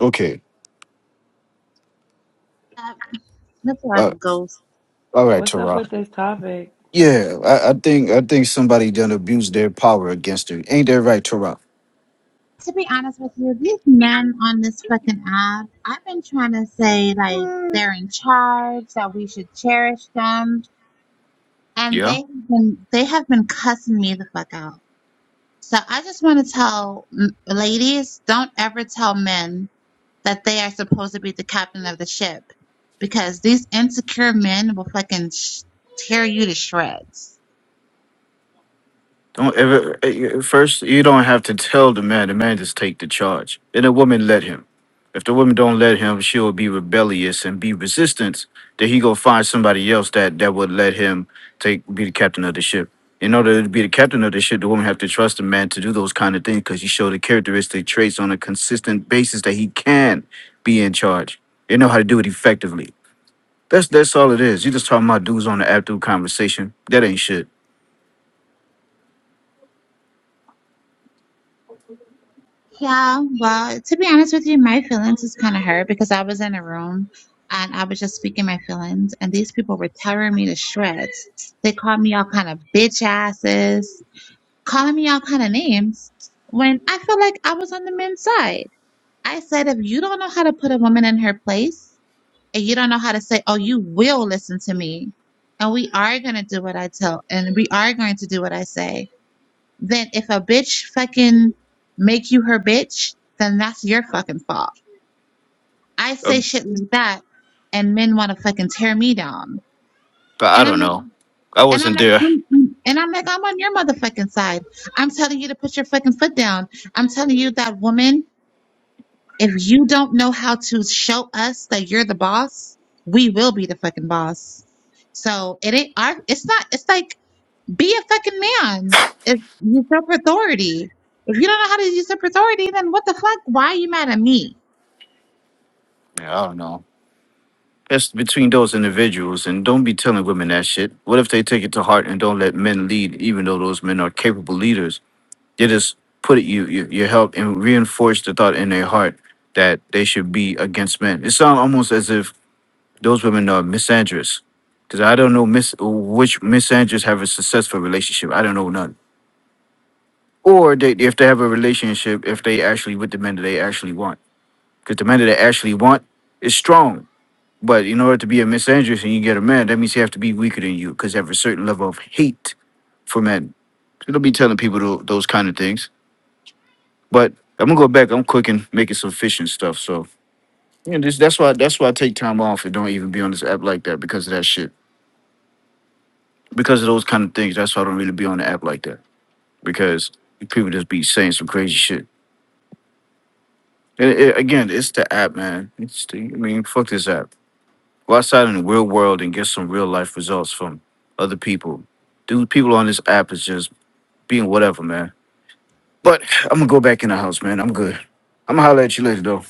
Okay. up the Uh, plug goes. all right, What's up Tara. with this topic? Yeah, I, I think I think somebody done abused their power against her. Ain't that right, Tara? To be honest with you, these men on this fucking app, I've been trying to say like they're in charge, that we should cherish them, and they have been they have been cussing me the fuck out. So I just want to tell mm, ladies, don't ever tell men that they are supposed to be the captain of the ship, because these insecure men will fucking sh- tear you to shreds. Don't ever eh, eh, first you don't have to tell the man, the man just take the charge. And the woman let him. If the woman don't let him, she'll be rebellious and be resistant. Then he go find somebody else that that would let him take be the captain of the ship. In order to be the captain of the ship, the woman have to trust the man to do those kind of things because he showed the characteristic traits on a consistent basis that he can be in charge. They know how to do it effectively. That's that's all it is. You just talking about dudes on the app through conversation. That ain't shit. Yeah, well, to be honest with you, my feelings is kind of hurt because I was in a room and I was just speaking my feelings, and these people were tearing me to shreds. They called me all kind of bitch asses, calling me all kind of names when I felt like I was on the men's side. I said, if you don't know how to put a woman in her place and you don't know how to say, oh, you will listen to me and we are going to do what I tell and we are going to do what I say then if a bitch fucking make you her bitch, then that's your fucking fault. I say shit like that, and men want to fucking tear me down. But I And I'm don't like, know. I and I'm wasn't like, there. mm and I'm like, I'm on your motherfucking side. I'm telling you to put your fucking foot down. I'm telling you that woman, if you don't know how to show us that you're the boss, we will be the fucking boss. So it ain't our. It's not. It's like Be a fucking man. If usurp authority. If you don't know how to usurp authority, then what the fuck? Why are you mad at me? Yeah, I don't know. It's between those individuals, and don't be telling women that shit. What if they take it to heart and don't let men lead, even though those men are capable leaders? They just put it, you, you, you help and reinforce the thought in their heart that they should be against men. It sounds almost as if those women are misandrous, because I don't know mis- which misandrous have a successful relationship. I don't know none. Or they, if they have a relationship, if they actually with the men that they actually want, because the men that they actually want is strong But in order to be a Miss Andrews and you get a man, that means you have to be weaker than you because they have a certain level of hate for men. So don't be telling people tho- those kind of things. But I'm gonna go back. I'm cooking, making some fish and stuff. So you know, this, that's why that's why I take time off and don't even be on this app like that because of that shit. Because of those kind of things. That's why I don't really be on the app like that because people just be saying some crazy shit. And it, again, it's the app, man. It's the, I mean, fuck this app. Go outside in the real world and get some real life results from other people. Dude, people on this app is just being whatever, man. But I'm gonna go back in the house, man. I'm good. I'm gonna holler at you later, though.